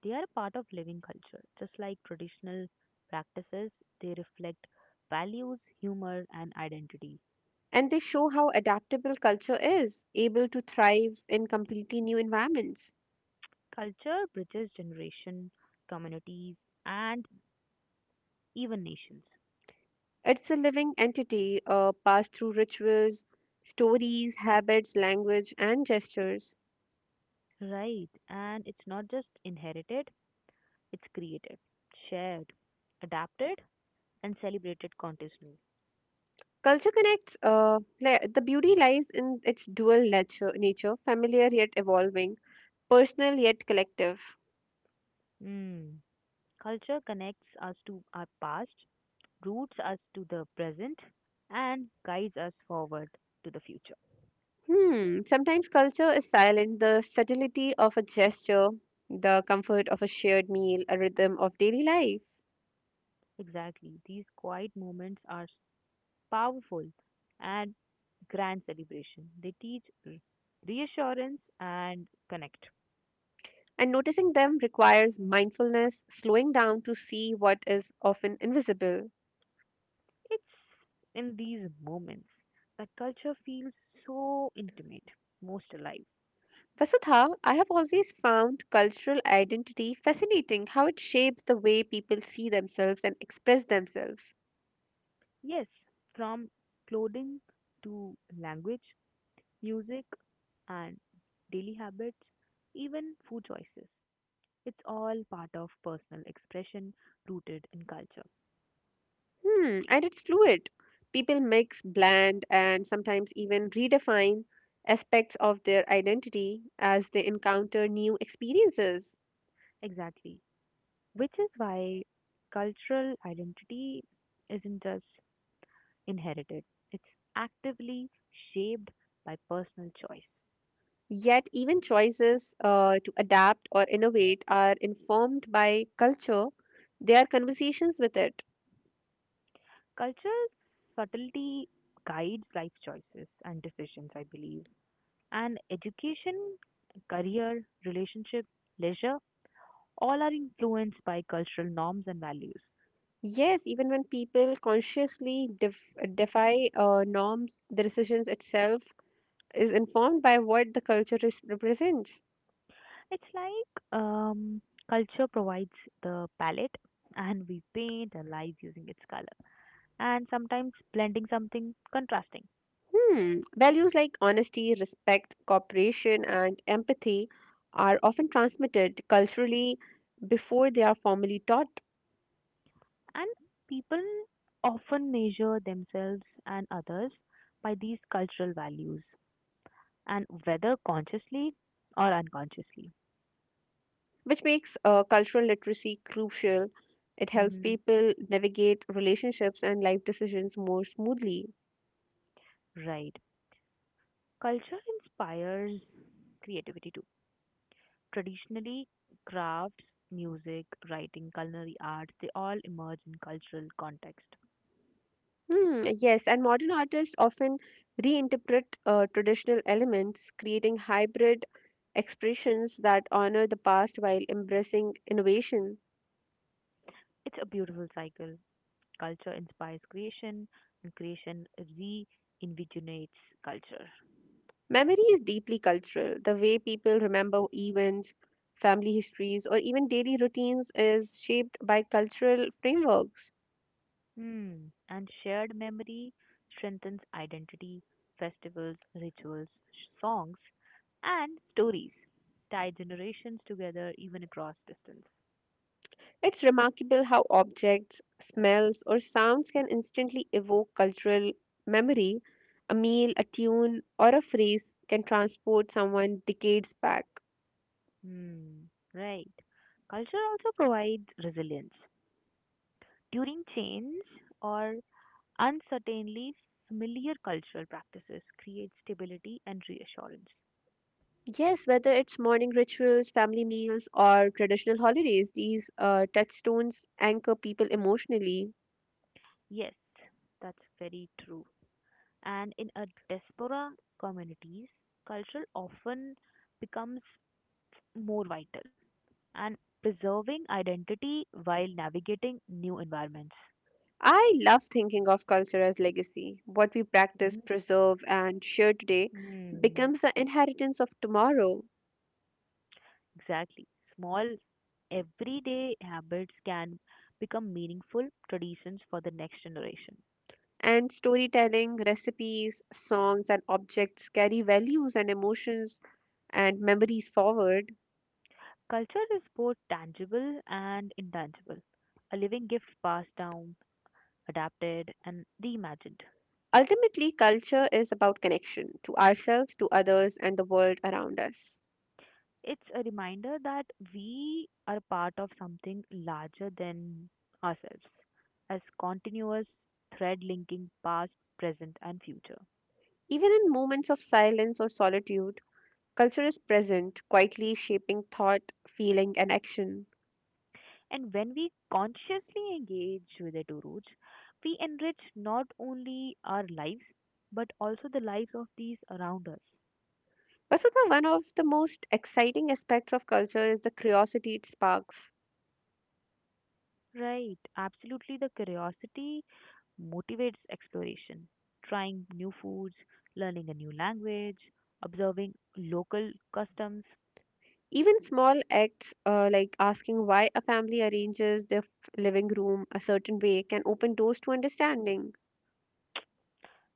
S1: They are a part of living culture. Just like traditional practices, they reflect values, humor, and identity.
S2: And they show how adaptable culture is, able to thrive in completely new environments.
S1: Culture bridges generation, communities, and even nations.
S2: It's a living entity uh, passed through rituals, stories, habits, language, and gestures.
S1: Right, and it's not just inherited, it's created, shared, adapted, and celebrated continuously.
S2: Culture connects, uh, li- the beauty lies in its dual nature, nature, familiar yet evolving, personal yet collective.
S1: Mm. Culture connects us to our past, roots us to the present, and guides us forward to the future.
S2: Hmm, sometimes culture is silent, the subtlety of a gesture, the comfort of a shared meal, a rhythm of daily life.
S1: Exactly, these quiet moments are powerful and grand celebration. They teach r- reassurance and connect.
S2: And noticing them requires mindfulness, slowing down to see what is often invisible.
S1: It's in these moments that culture feels so intimate, most alive.
S2: Vasudha, I have always found cultural identity fascinating how it shapes the way people see themselves and express themselves.
S1: Yes, from clothing to language, music, and daily habits, even food choices. It's all part of personal expression rooted in culture.
S2: Hmm, and it's fluid. People mix, blend, and sometimes even redefine aspects of their identity as they encounter new experiences.
S1: Exactly. Which is why cultural identity isn't just inherited, it's actively shaped by personal choice.
S2: Yet, even choices uh, to adapt or innovate are informed by culture, they are conversations with it.
S1: Cultural subtlety guides life choices and decisions, I believe. And education, career, relationship, leisure, all are influenced by cultural norms and values.
S2: Yes, even when people consciously def- defy uh, norms, the decisions itself is informed by what the culture res- represents.
S1: It's like um, Culture provides the palette, and we paint our lives using its color, and sometimes blending something contrasting.
S2: Hmm. Values like honesty, respect, cooperation, and empathy are often transmitted culturally before they are formally taught.
S1: And people often measure themselves and others by these cultural values and whether consciously or unconsciously.
S2: Which makes uh, cultural literacy crucial. It helps
S1: Hmm.
S2: people navigate relationships and life decisions more smoothly.
S1: Right. Culture inspires creativity too. Traditionally, crafts, music, writing, culinary arts, they all emerge in cultural context.
S2: Hmm, yes, and modern artists often reinterpret uh, traditional elements, creating hybrid expressions that honor the past while embracing innovation.
S1: It's a beautiful cycle. Culture inspires creation, and creation reinvigorates culture.
S2: Memory is deeply cultural. The way people remember events, family histories, or even daily routines is shaped by cultural frameworks.
S1: Hmm. And shared memory strengthens identity, festivals, rituals, songs, and stories tie generations together even across distance.
S2: It's remarkable how objects, smells, or sounds can instantly evoke cultural memory. A meal, a tune, or a phrase can transport someone decades back.
S1: Hmm, right. Culture also provides resilience during change or uncertainty. Familiar cultural practices create stability and reassurance.
S2: Yes, whether it's morning rituals, family meals, or traditional holidays, these uh, touchstones anchor people emotionally.
S1: Yes, that's very true. And in a diaspora communities, culture often becomes more vital and preserving identity while navigating new environments.
S2: I love thinking of culture as legacy. What we practice, preserve, and share today
S1: Mm-hmm.
S2: becomes the inheritance of tomorrow.
S1: Exactly. Small everyday habits can become meaningful traditions for the next generation.
S2: And storytelling, recipes, songs, and objects carry values and emotions and memories forward.
S1: Culture is both tangible and intangible, a living gift passed down, adapted, and reimagined.
S2: Ultimately, culture is about connection to ourselves, to others, and the world around us.
S1: It's a reminder that we are part of something larger than ourselves, as continuous thread linking past, present, and future.
S2: Even in moments of silence or solitude, culture is present, quietly shaping thought, feeling, and action.
S1: And when we consciously engage with the two roots, we enrich not only our lives but also the lives of these around us.
S2: Vasudha, one of the most exciting aspects of culture is the curiosity it sparks.
S1: Right, absolutely. The curiosity motivates exploration, trying new foods, learning a new language, observing local customs,
S2: Even small acts uh, like asking why a family arranges their f- living room a certain way can open doors to understanding.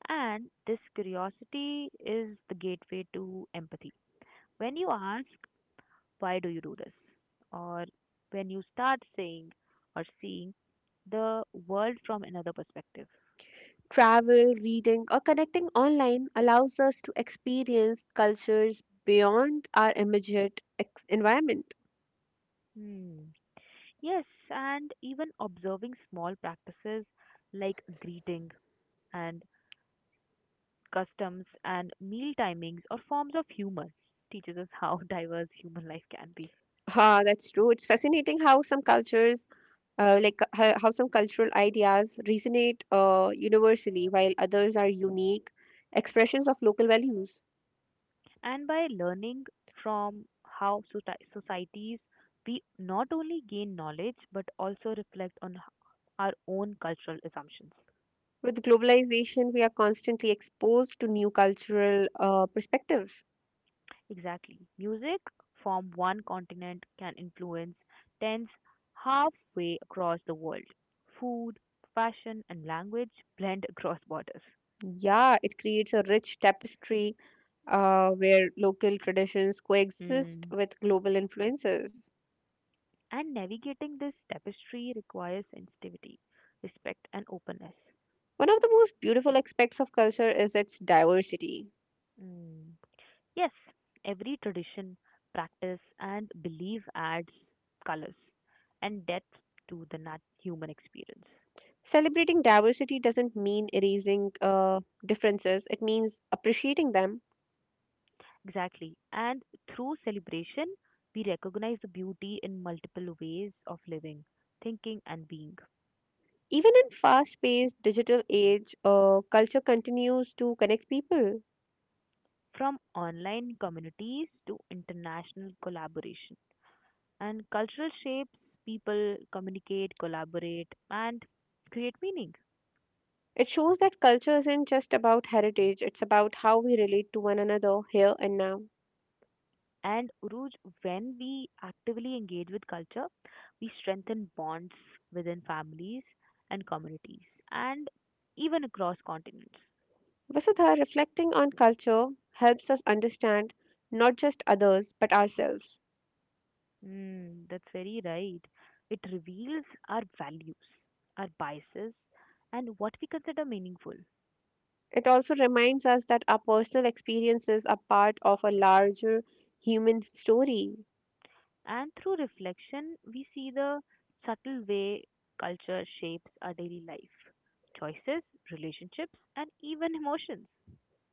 S1: and this curiosity is the gateway to empathy. When you ask why do you do this? Or when you start saying or seeing the world from another perspective.
S2: Travel, reading, or connecting online allows us to experience cultures beyond our immediate ex- environment.
S1: Hmm. Yes, and even observing small practices like greeting and customs and meal timings or forms of humor teaches us how diverse human life can be.
S2: Ah, that's true. It's fascinating how some cultures, uh, like uh, how, how some cultural ideas resonate uh, universally, while others are unique expressions of local values.
S1: And by learning from how soci- societies, we not only gain knowledge but also reflect on h- our own cultural assumptions.
S2: With globalization, we are constantly exposed to new cultural uh, perspectives.
S1: Exactly. Music from one continent can influence tens halfway across the world. Food, fashion, and language blend across borders.
S2: Yeah, it creates a rich tapestry uh, where local traditions coexist
S1: Mm.
S2: with global influences.
S1: And navigating this tapestry requires sensitivity, respect, and openness.
S2: One of the most beautiful aspects of culture is its diversity.
S1: Mm. Yes, every tradition, practice, and belief adds colors and depth to the nat- human experience.
S2: Celebrating diversity doesn't mean erasing uh, differences, it means appreciating them.
S1: Exactly. And through celebration, we recognize the beauty in multiple ways of living, thinking, and being,
S2: Even in fast paced digital age, uh, culture continues to connect people.
S1: from online communities to international collaboration. And cultural shapes people communicate, collaborate, and create meaning.
S2: It shows that culture isn't just about heritage, it's about how we relate to one another here and now.
S1: And Uruj, when we actively engage with culture, we strengthen bonds within families and communities, and even across continents.
S2: Vasudha, reflecting on culture helps us understand not just others but ourselves.
S1: Mm, that's very right. It reveals our values, our biases, and what we consider meaningful.
S2: It also reminds us that our personal experiences are part of a larger human story.
S1: And through reflection, we see the subtle way culture shapes our daily life, choices, relationships, and even emotions.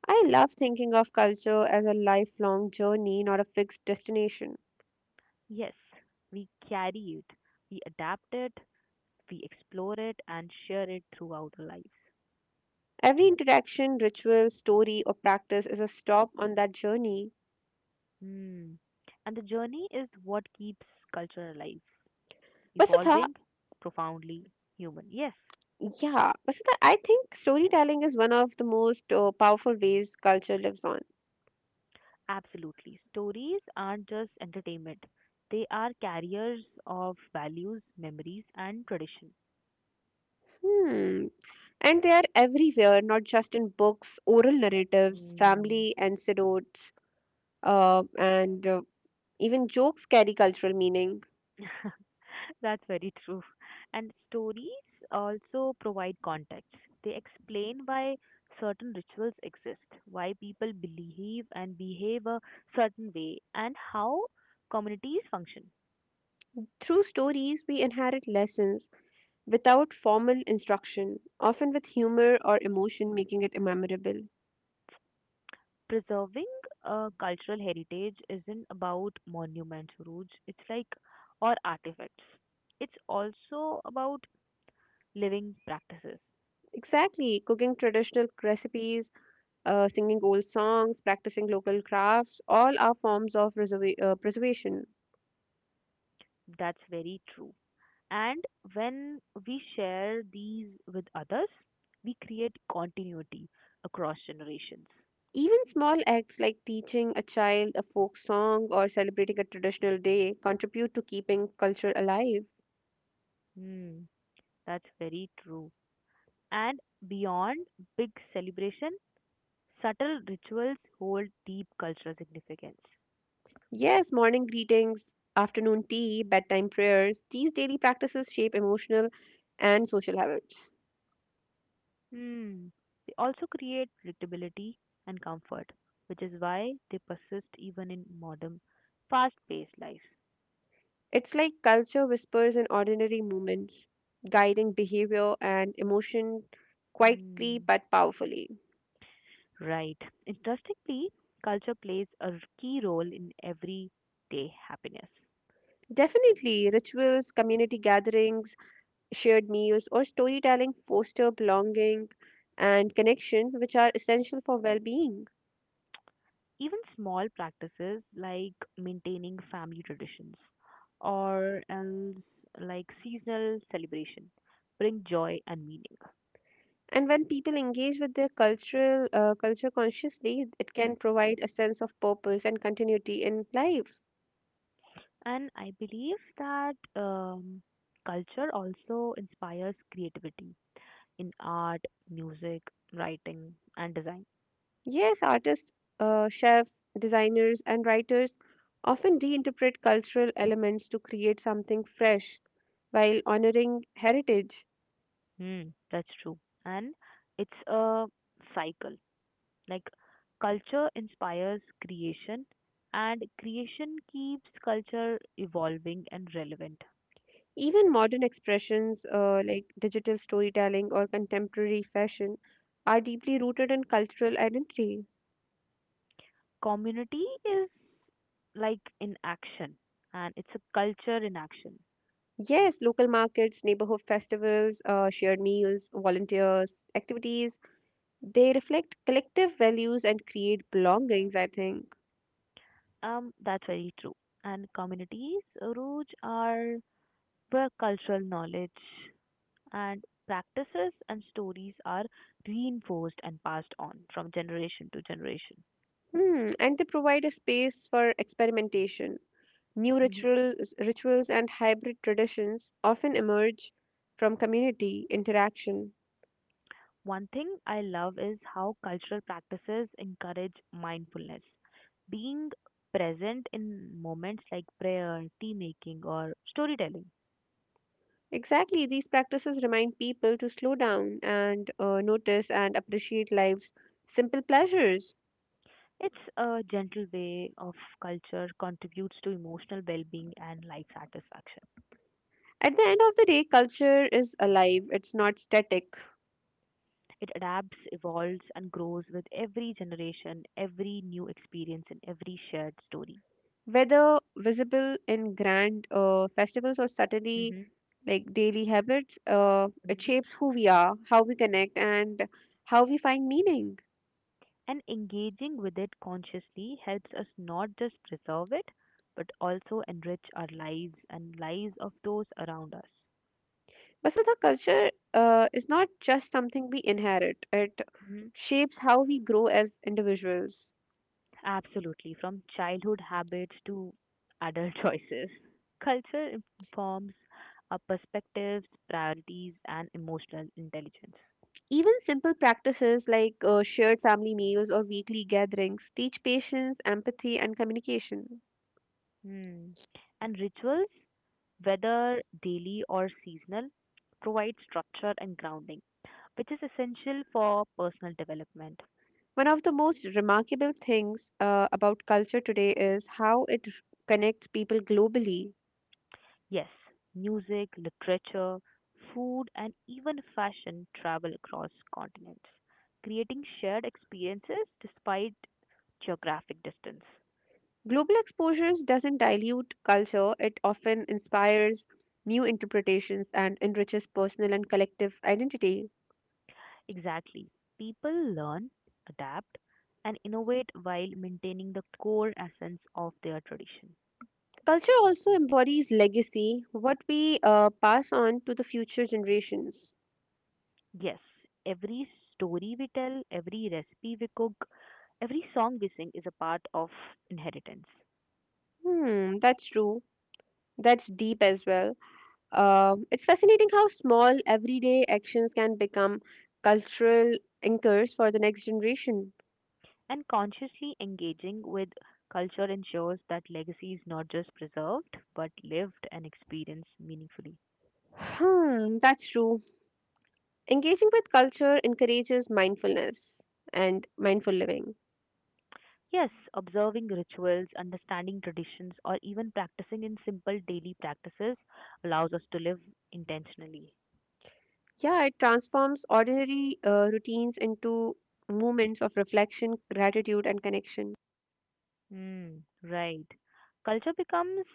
S2: I love thinking of culture as a lifelong journey, not a fixed destination.
S1: Yes, we carry it, we adapt it, we explore it, and share it throughout our lives.
S2: Every interaction, ritual, story, or practice is a stop on that journey.
S1: Mm. And the journey is what keeps culture alive,
S2: Vasudha,
S1: evolving, profoundly human. Yes,
S2: yeah, Vasudha, I think storytelling is one of the most uh, powerful ways culture lives on.
S1: absolutely. Stories aren't just entertainment, they are carriers of values, memories, and tradition.
S2: Hmm. And they are everywhere, not just in books, oral narratives,
S1: Mm.
S2: family anecdotes, uh, and uh, even jokes carry cultural meaning.
S1: That's very true. And stories also provide context. They explain why certain rituals exist, why people believe and behave a certain way, and how communities function.
S2: Through stories, we inherit lessons without formal instruction, often with humor or emotion making it memorable.
S1: Preserving a cultural heritage isn't about monuments, Rooj. It's like or artifacts. It's also about living practices.
S2: Exactly, cooking traditional recipes, uh, singing old songs, practicing local crafts, all are forms of reserva- uh, preservation.
S1: That's very true. And when we share these with others, we create continuity across generations.
S2: Even small acts like teaching a child a folk song or celebrating a traditional day contribute to keeping culture alive.
S1: Hmm, that's very true. And beyond big celebration, subtle rituals hold deep cultural significance.
S2: Yes, morning greetings, afternoon tea, bedtime prayers, these daily practices shape emotional and social habits.
S1: Hmm. They also create predictability and comfort, which is why they persist even in modern, fast paced life.
S2: It's like culture whispers in ordinary moments, guiding behavior and emotion quietly
S1: Hmm.
S2: but powerfully.
S1: Right. Interestingly, culture plays a key role in everyday happiness.
S2: Definitely, rituals, community gatherings, shared meals, or storytelling foster belonging and connection, which are essential for well being.
S1: Even small practices like maintaining family traditions or else like seasonal celebration bring joy and meaning.
S2: And when people engage with their cultural uh, culture consciously, it can provide a sense of purpose and continuity in life.
S1: And I believe that um, culture also inspires creativity in art, music, writing, and design.
S2: Yes, artists, uh, chefs, designers, and writers often reinterpret cultural elements to create something fresh while honoring heritage.
S1: Hmm, that's true. And it's a cycle. Like culture inspires creation, and creation keeps culture evolving and relevant.
S2: Even modern expressions uh, like digital storytelling or contemporary fashion are deeply rooted in cultural identity.
S1: Community is like in action, and it's a culture in action.
S2: Yes, local markets, neighborhood festivals, uh, shared meals, volunteers, activities, they reflect collective values and create belongings, I think.
S1: Um, that's very true. And communities, Ruj, are where cultural knowledge and practices and stories are reinforced and passed on from generation to generation.
S2: Hmm. And they provide a space for experimentation. New
S1: Hmm.
S2: rituals, rituals and hybrid traditions often emerge from community interaction.
S1: One thing I love is how cultural practices encourage mindfulness. Being present in moments like prayer, tea making, or storytelling.
S2: Exactly, these practices remind people to slow down and uh, notice and appreciate life's simple pleasures.
S1: It's a gentle way of culture contributes to emotional well being and life satisfaction.
S2: At the end of the day, culture is alive, it's not static.
S1: It adapts, evolves, and grows with every generation, every new experience, and every shared story.
S2: Whether visible in grand uh, festivals or subtly
S1: Hmm.
S2: like daily habits, uh, it
S1: Hmm.
S2: shapes who we are, how we connect, and how we find meaning.
S1: And engaging with it consciously helps us not just preserve it, but also enrich our lives and lives of those around us.
S2: But so the culture uh, is not just something we inherit, it
S1: Hmm.
S2: shapes how we grow as individuals.
S1: Absolutely, from childhood habits to adult choices. Culture informs our perspectives, priorities, and emotional intelligence.
S2: Even simple practices like uh, shared family meals or weekly gatherings teach patience, empathy, and communication.
S1: Hmm. And rituals, whether daily or seasonal, provide structure and grounding, which is essential for personal development.
S2: One of the most remarkable things uh, about culture today is how it r- connects people globally.
S1: Yes, music, literature, food, and even fashion travel across continents, creating shared experiences despite geographic distance.
S2: Global exposures doesn't dilute culture, it often inspires new interpretations and enriches personal and collective identity.
S1: Exactly. People learn, adapt, and innovate while maintaining the core essence of their tradition.
S2: Culture also embodies legacy, what we uh, pass on to the future generations.
S1: Yes, every story we tell, every recipe we cook, every song we sing is a part of inheritance.
S2: Hmm, that's true. That's deep as well. Um, it's fascinating how small everyday actions can become cultural anchors for the next generation.
S1: And consciously engaging with culture ensures that legacy is not just preserved, but lived and experienced meaningfully.
S2: Hmm, that's true. Engaging with culture encourages mindfulness and mindful living.
S1: Yes, observing rituals, understanding traditions, or even practicing in simple daily practices allows us to live intentionally.
S2: Yeah, it transforms ordinary uh, routines into moments of reflection, gratitude, and connection.
S1: Hmm, right. Culture becomes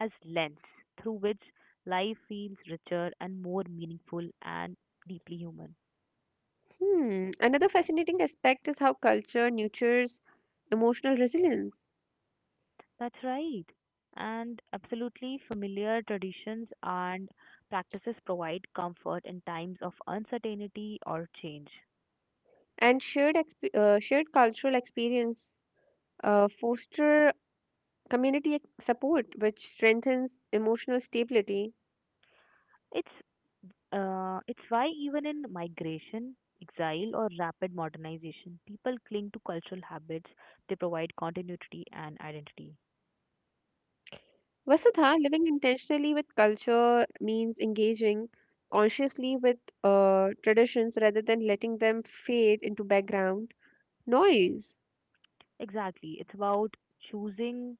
S1: as lens through which life feels richer and more meaningful and deeply human.
S2: Hmm, another fascinating aspect is how culture nurtures emotional resilience
S1: That's right. And absolutely familiar traditions and practices provide comfort in times of uncertainty or change.
S2: and shared exp- uh, shared cultural experience uh, foster community ac- support, which strengthens emotional stability.
S1: It's uh, it's why even in migration, exile, or rapid modernization, people cling to cultural habits. They provide continuity and identity.
S2: Vasudha, living intentionally with culture means engaging consciously with uh, traditions rather than letting them fade into background noise.
S1: Exactly. It's about choosing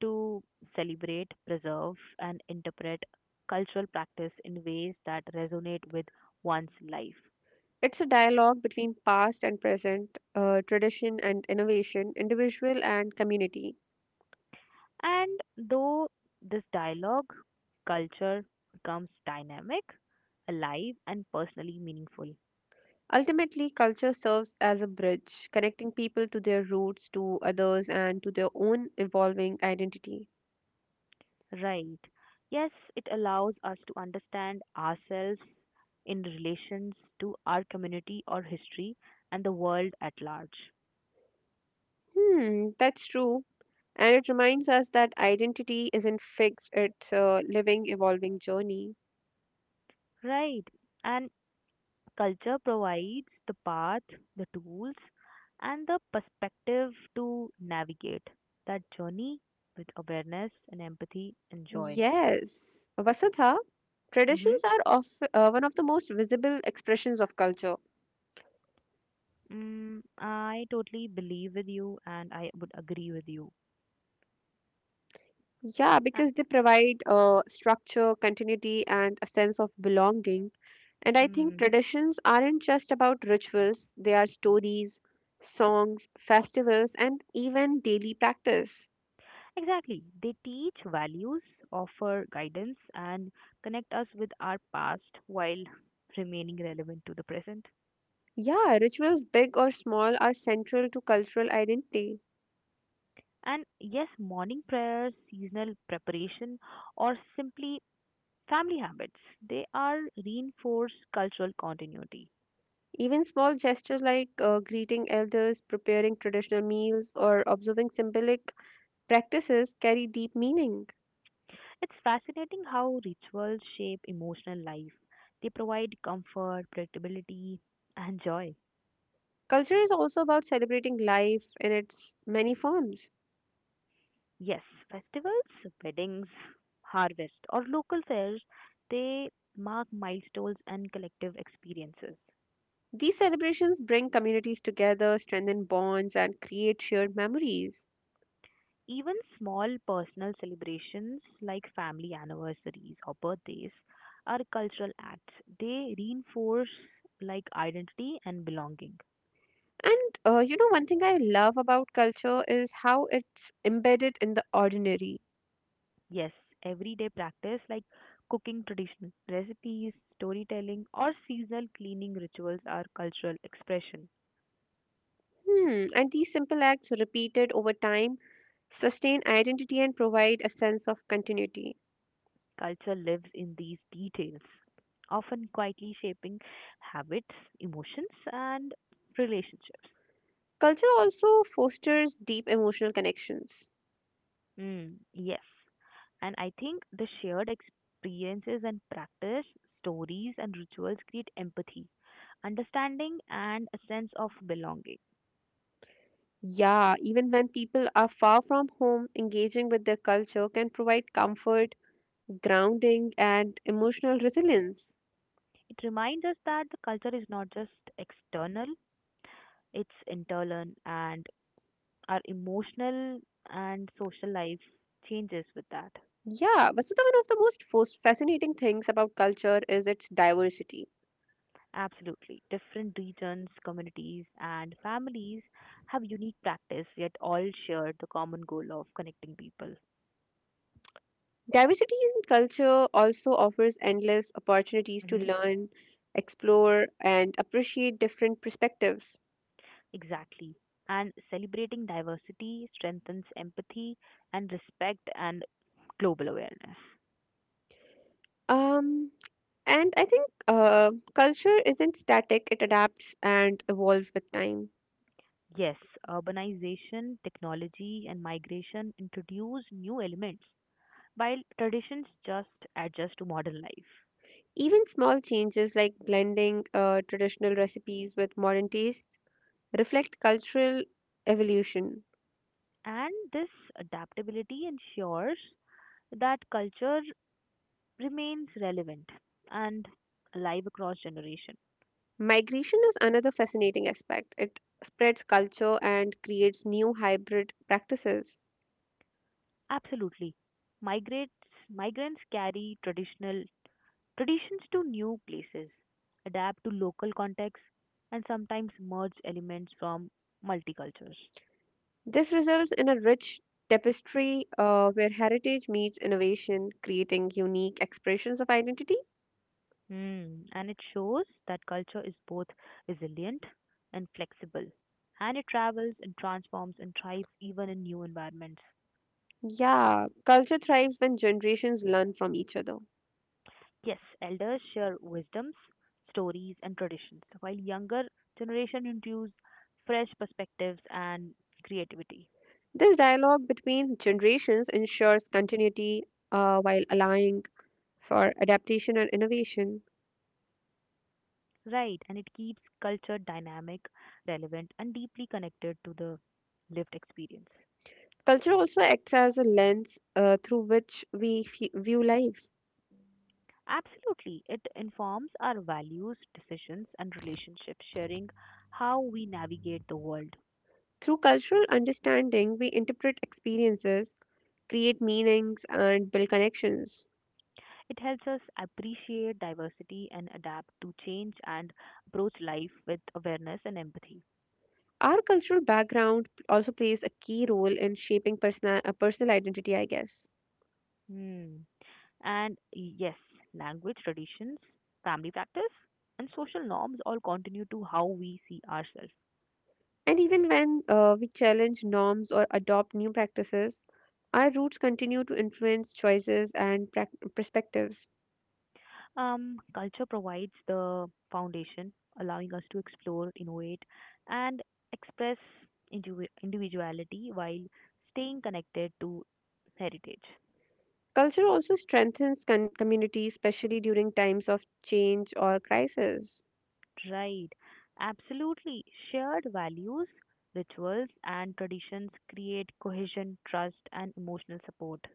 S1: to celebrate, preserve, and interpret cultural practice in ways that resonate with one's life.
S2: It's a dialogue between past and present, uh, tradition and innovation, individual and community.
S1: And though this dialogue, culture becomes dynamic, alive, and personally meaningful.
S2: Ultimately, culture serves as a bridge, connecting people to their roots, to others, and to their own evolving identity.
S1: Right. Yes, it allows us to understand ourselves in relations to our community or history and the world at large.
S2: Hmm, that's true. And it reminds us that identity isn't fixed, it's a living, evolving journey.
S1: Right. And culture provides the path, the tools, and the perspective to navigate that journey with awareness and empathy and joy.
S2: Yes. Vasudha,
S1: Mm-hmm.
S2: traditions are of, uh, one of the most visible expressions of culture.
S1: Mm, I totally believe with you and I would agree with you.
S2: Yeah,
S1: Uh.
S2: because they provide uh, structure, continuity, and a sense of belonging. And I think
S1: Mm.
S2: traditions aren't just about rituals, they are stories, songs, festivals, and even daily practice.
S1: Exactly. They teach values, offer guidance, and connect us with our past while remaining relevant to the present.
S2: Yeah, rituals, big or small, are central to cultural identity.
S1: And yes, morning prayers, seasonal preparation, or simply family habits. They are reinforce cultural continuity.
S2: Even small gestures like uh, greeting elders, preparing traditional meals, or observing symbolic practices carry deep meaning.
S1: It's fascinating how rituals shape emotional life. They provide comfort, predictability, and joy.
S2: Culture is also about celebrating life in its many forms.
S1: Yes, festivals, weddings, harvest, or local fairs, they mark milestones and collective experiences.
S2: These celebrations bring communities together, strengthen bonds, and create shared memories.
S1: Even small personal celebrations like family anniversaries or birthdays are cultural acts. They reinforce like identity and belonging.
S2: And uh, you know, one thing I love about culture is how it's embedded in the ordinary.
S1: Yes, everyday practice like cooking traditional recipes, storytelling, or seasonal cleaning rituals are cultural expression.
S2: Hmm. And these simple acts, repeated over time, sustain identity and provide a sense of continuity.
S1: Culture lives in these details, often quietly shaping habits, emotions, and relationships.
S2: Culture also fosters deep emotional connections.
S1: Mm, yes, and I think the shared experiences and practice, stories, and rituals create empathy, understanding, and a sense of belonging.
S2: Yeah, even when people are far from home, engaging with their culture can provide comfort, grounding, and emotional resilience.
S1: It reminds us that the culture is not just external, it's internal and our emotional and social life changes with that.
S2: Yeah, but so the one of the most fos- fascinating things about culture is its diversity.
S1: Absolutely. Different regions, communities, and families have unique practice, yet all share the common goal of connecting people.
S2: Diversity in culture also offers endless opportunities to
S1: Hmm.
S2: learn, explore, and appreciate different perspectives.
S1: Exactly. And celebrating diversity strengthens empathy and respect and global awareness.
S2: Um, And I think uh, culture isn't static, it adapts and evolves with time.
S1: Yes, urbanization, technology, and migration introduce new elements, while traditions just adjust to modern life.
S2: Even small changes like blending uh, traditional recipes with modern tastes reflect cultural evolution.
S1: And this adaptability ensures that culture remains relevant and alive across generation.
S2: Migration is another fascinating aspect. It spreads culture and creates new hybrid practices.
S1: Absolutely. Migrates, Migrants carry traditional traditions to new places, adapt to local contexts, and sometimes merge elements from multicultures.
S2: This results in a rich tapestry uh, where heritage meets innovation, creating unique expressions of identity.
S1: Hmm, and it shows that culture is both resilient and flexible, and it travels and transforms and thrives even in new environments.
S2: Yeah, culture thrives when generations learn from each other.
S1: Yes, elders share wisdoms, stories, and traditions, while younger generation introduce fresh perspectives and creativity.
S2: This dialogue between generations ensures continuity uh, while allowing for adaptation and innovation.
S1: Right, and it keeps culture dynamic, relevant, and deeply connected to the lived experience.
S2: Culture also acts as a lens uh, through which we fe- view life.
S1: Absolutely. It informs our values, decisions, and relationships, sharing how we navigate the world.
S2: Through cultural understanding, we interpret experiences, create meanings, and build connections.
S1: It helps us appreciate diversity and adapt to change and approach life with awareness and empathy.
S2: Our cultural background also plays a key role in shaping personal, uh, personal identity, I guess.
S1: Hmm. And yes, language, traditions, family practice, and social norms all continue to how we see ourselves.
S2: And even when uh, we challenge norms or adopt new practices, our roots continue to influence choices and prac perspectives.
S1: Um, culture provides the foundation, allowing us to explore, innovate, and express indivi- individuality while staying connected to heritage.
S2: Culture also strengthens con- communities, especially during times of change or crisis.
S1: Right. Absolutely. Shared values, rituals, and traditions create cohesion, trust, and emotional support.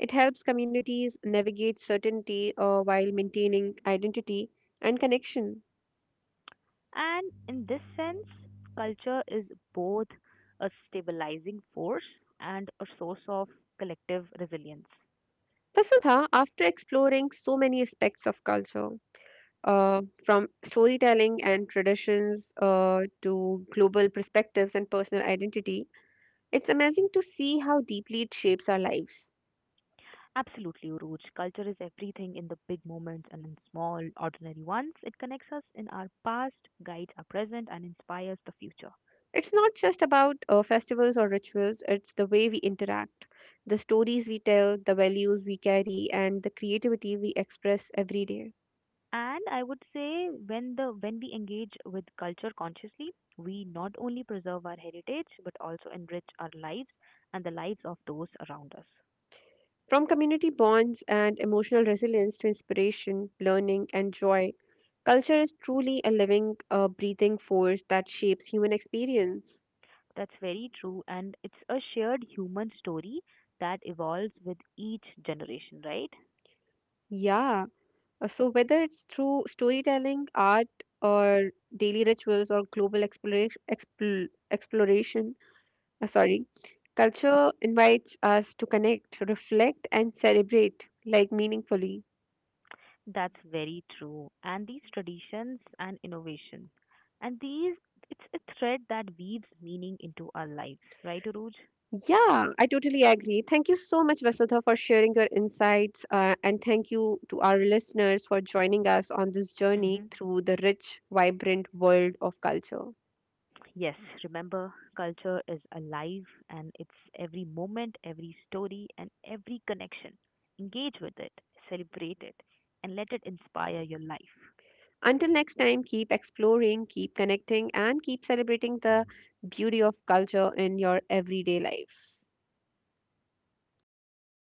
S2: It helps communities navigate certainty uh, while maintaining identity and connection.
S1: And in this sense, culture is both a stabilizing force and a source of collective resilience.
S2: Vasudha, after exploring so many aspects of culture, uh, from storytelling and traditions uh, to global perspectives and personal identity, it's amazing to see how deeply it shapes our lives.
S1: Absolutely, Uruj. Culture is everything in the big moments and in small, ordinary ones. It connects us in our past, guides our present, and inspires the future.
S2: It's not just about uh, festivals or rituals, it's the way we interact, the stories we tell, the values we carry, and the creativity we express every day.
S1: And I would say when the when we engage with culture consciously, we not only preserve our heritage but also enrich our lives and the lives of those around us.
S2: From community bonds and emotional resilience to inspiration, learning, and joy, culture is truly a living, uh, breathing force that shapes human experience.
S1: That's very true, and it's a shared human story that evolves with each generation, right?
S2: Yeah. uh, So, whether it's through storytelling, art, or daily rituals, or global exploration, expl- exploration uh, sorry, culture invites us to connect, reflect, and celebrate like meaningfully.
S1: That's very true. And these traditions and innovation, and these it's a thread that weaves meaning into our lives, right, Uruj?
S2: Yeah, I totally agree. Thank you so much, Vasudha, for sharing your insights. Uh, and thank you to our listeners for joining us on this journey
S1: Hmm.
S2: through the rich, vibrant world of culture.
S1: Yes, remember, culture is alive and it's every moment, every story, and every connection. Engage with it, celebrate it, and let it inspire your life.
S2: Until next time, keep exploring, keep connecting, and keep celebrating the beauty of culture in your everyday life.
S1: Thank you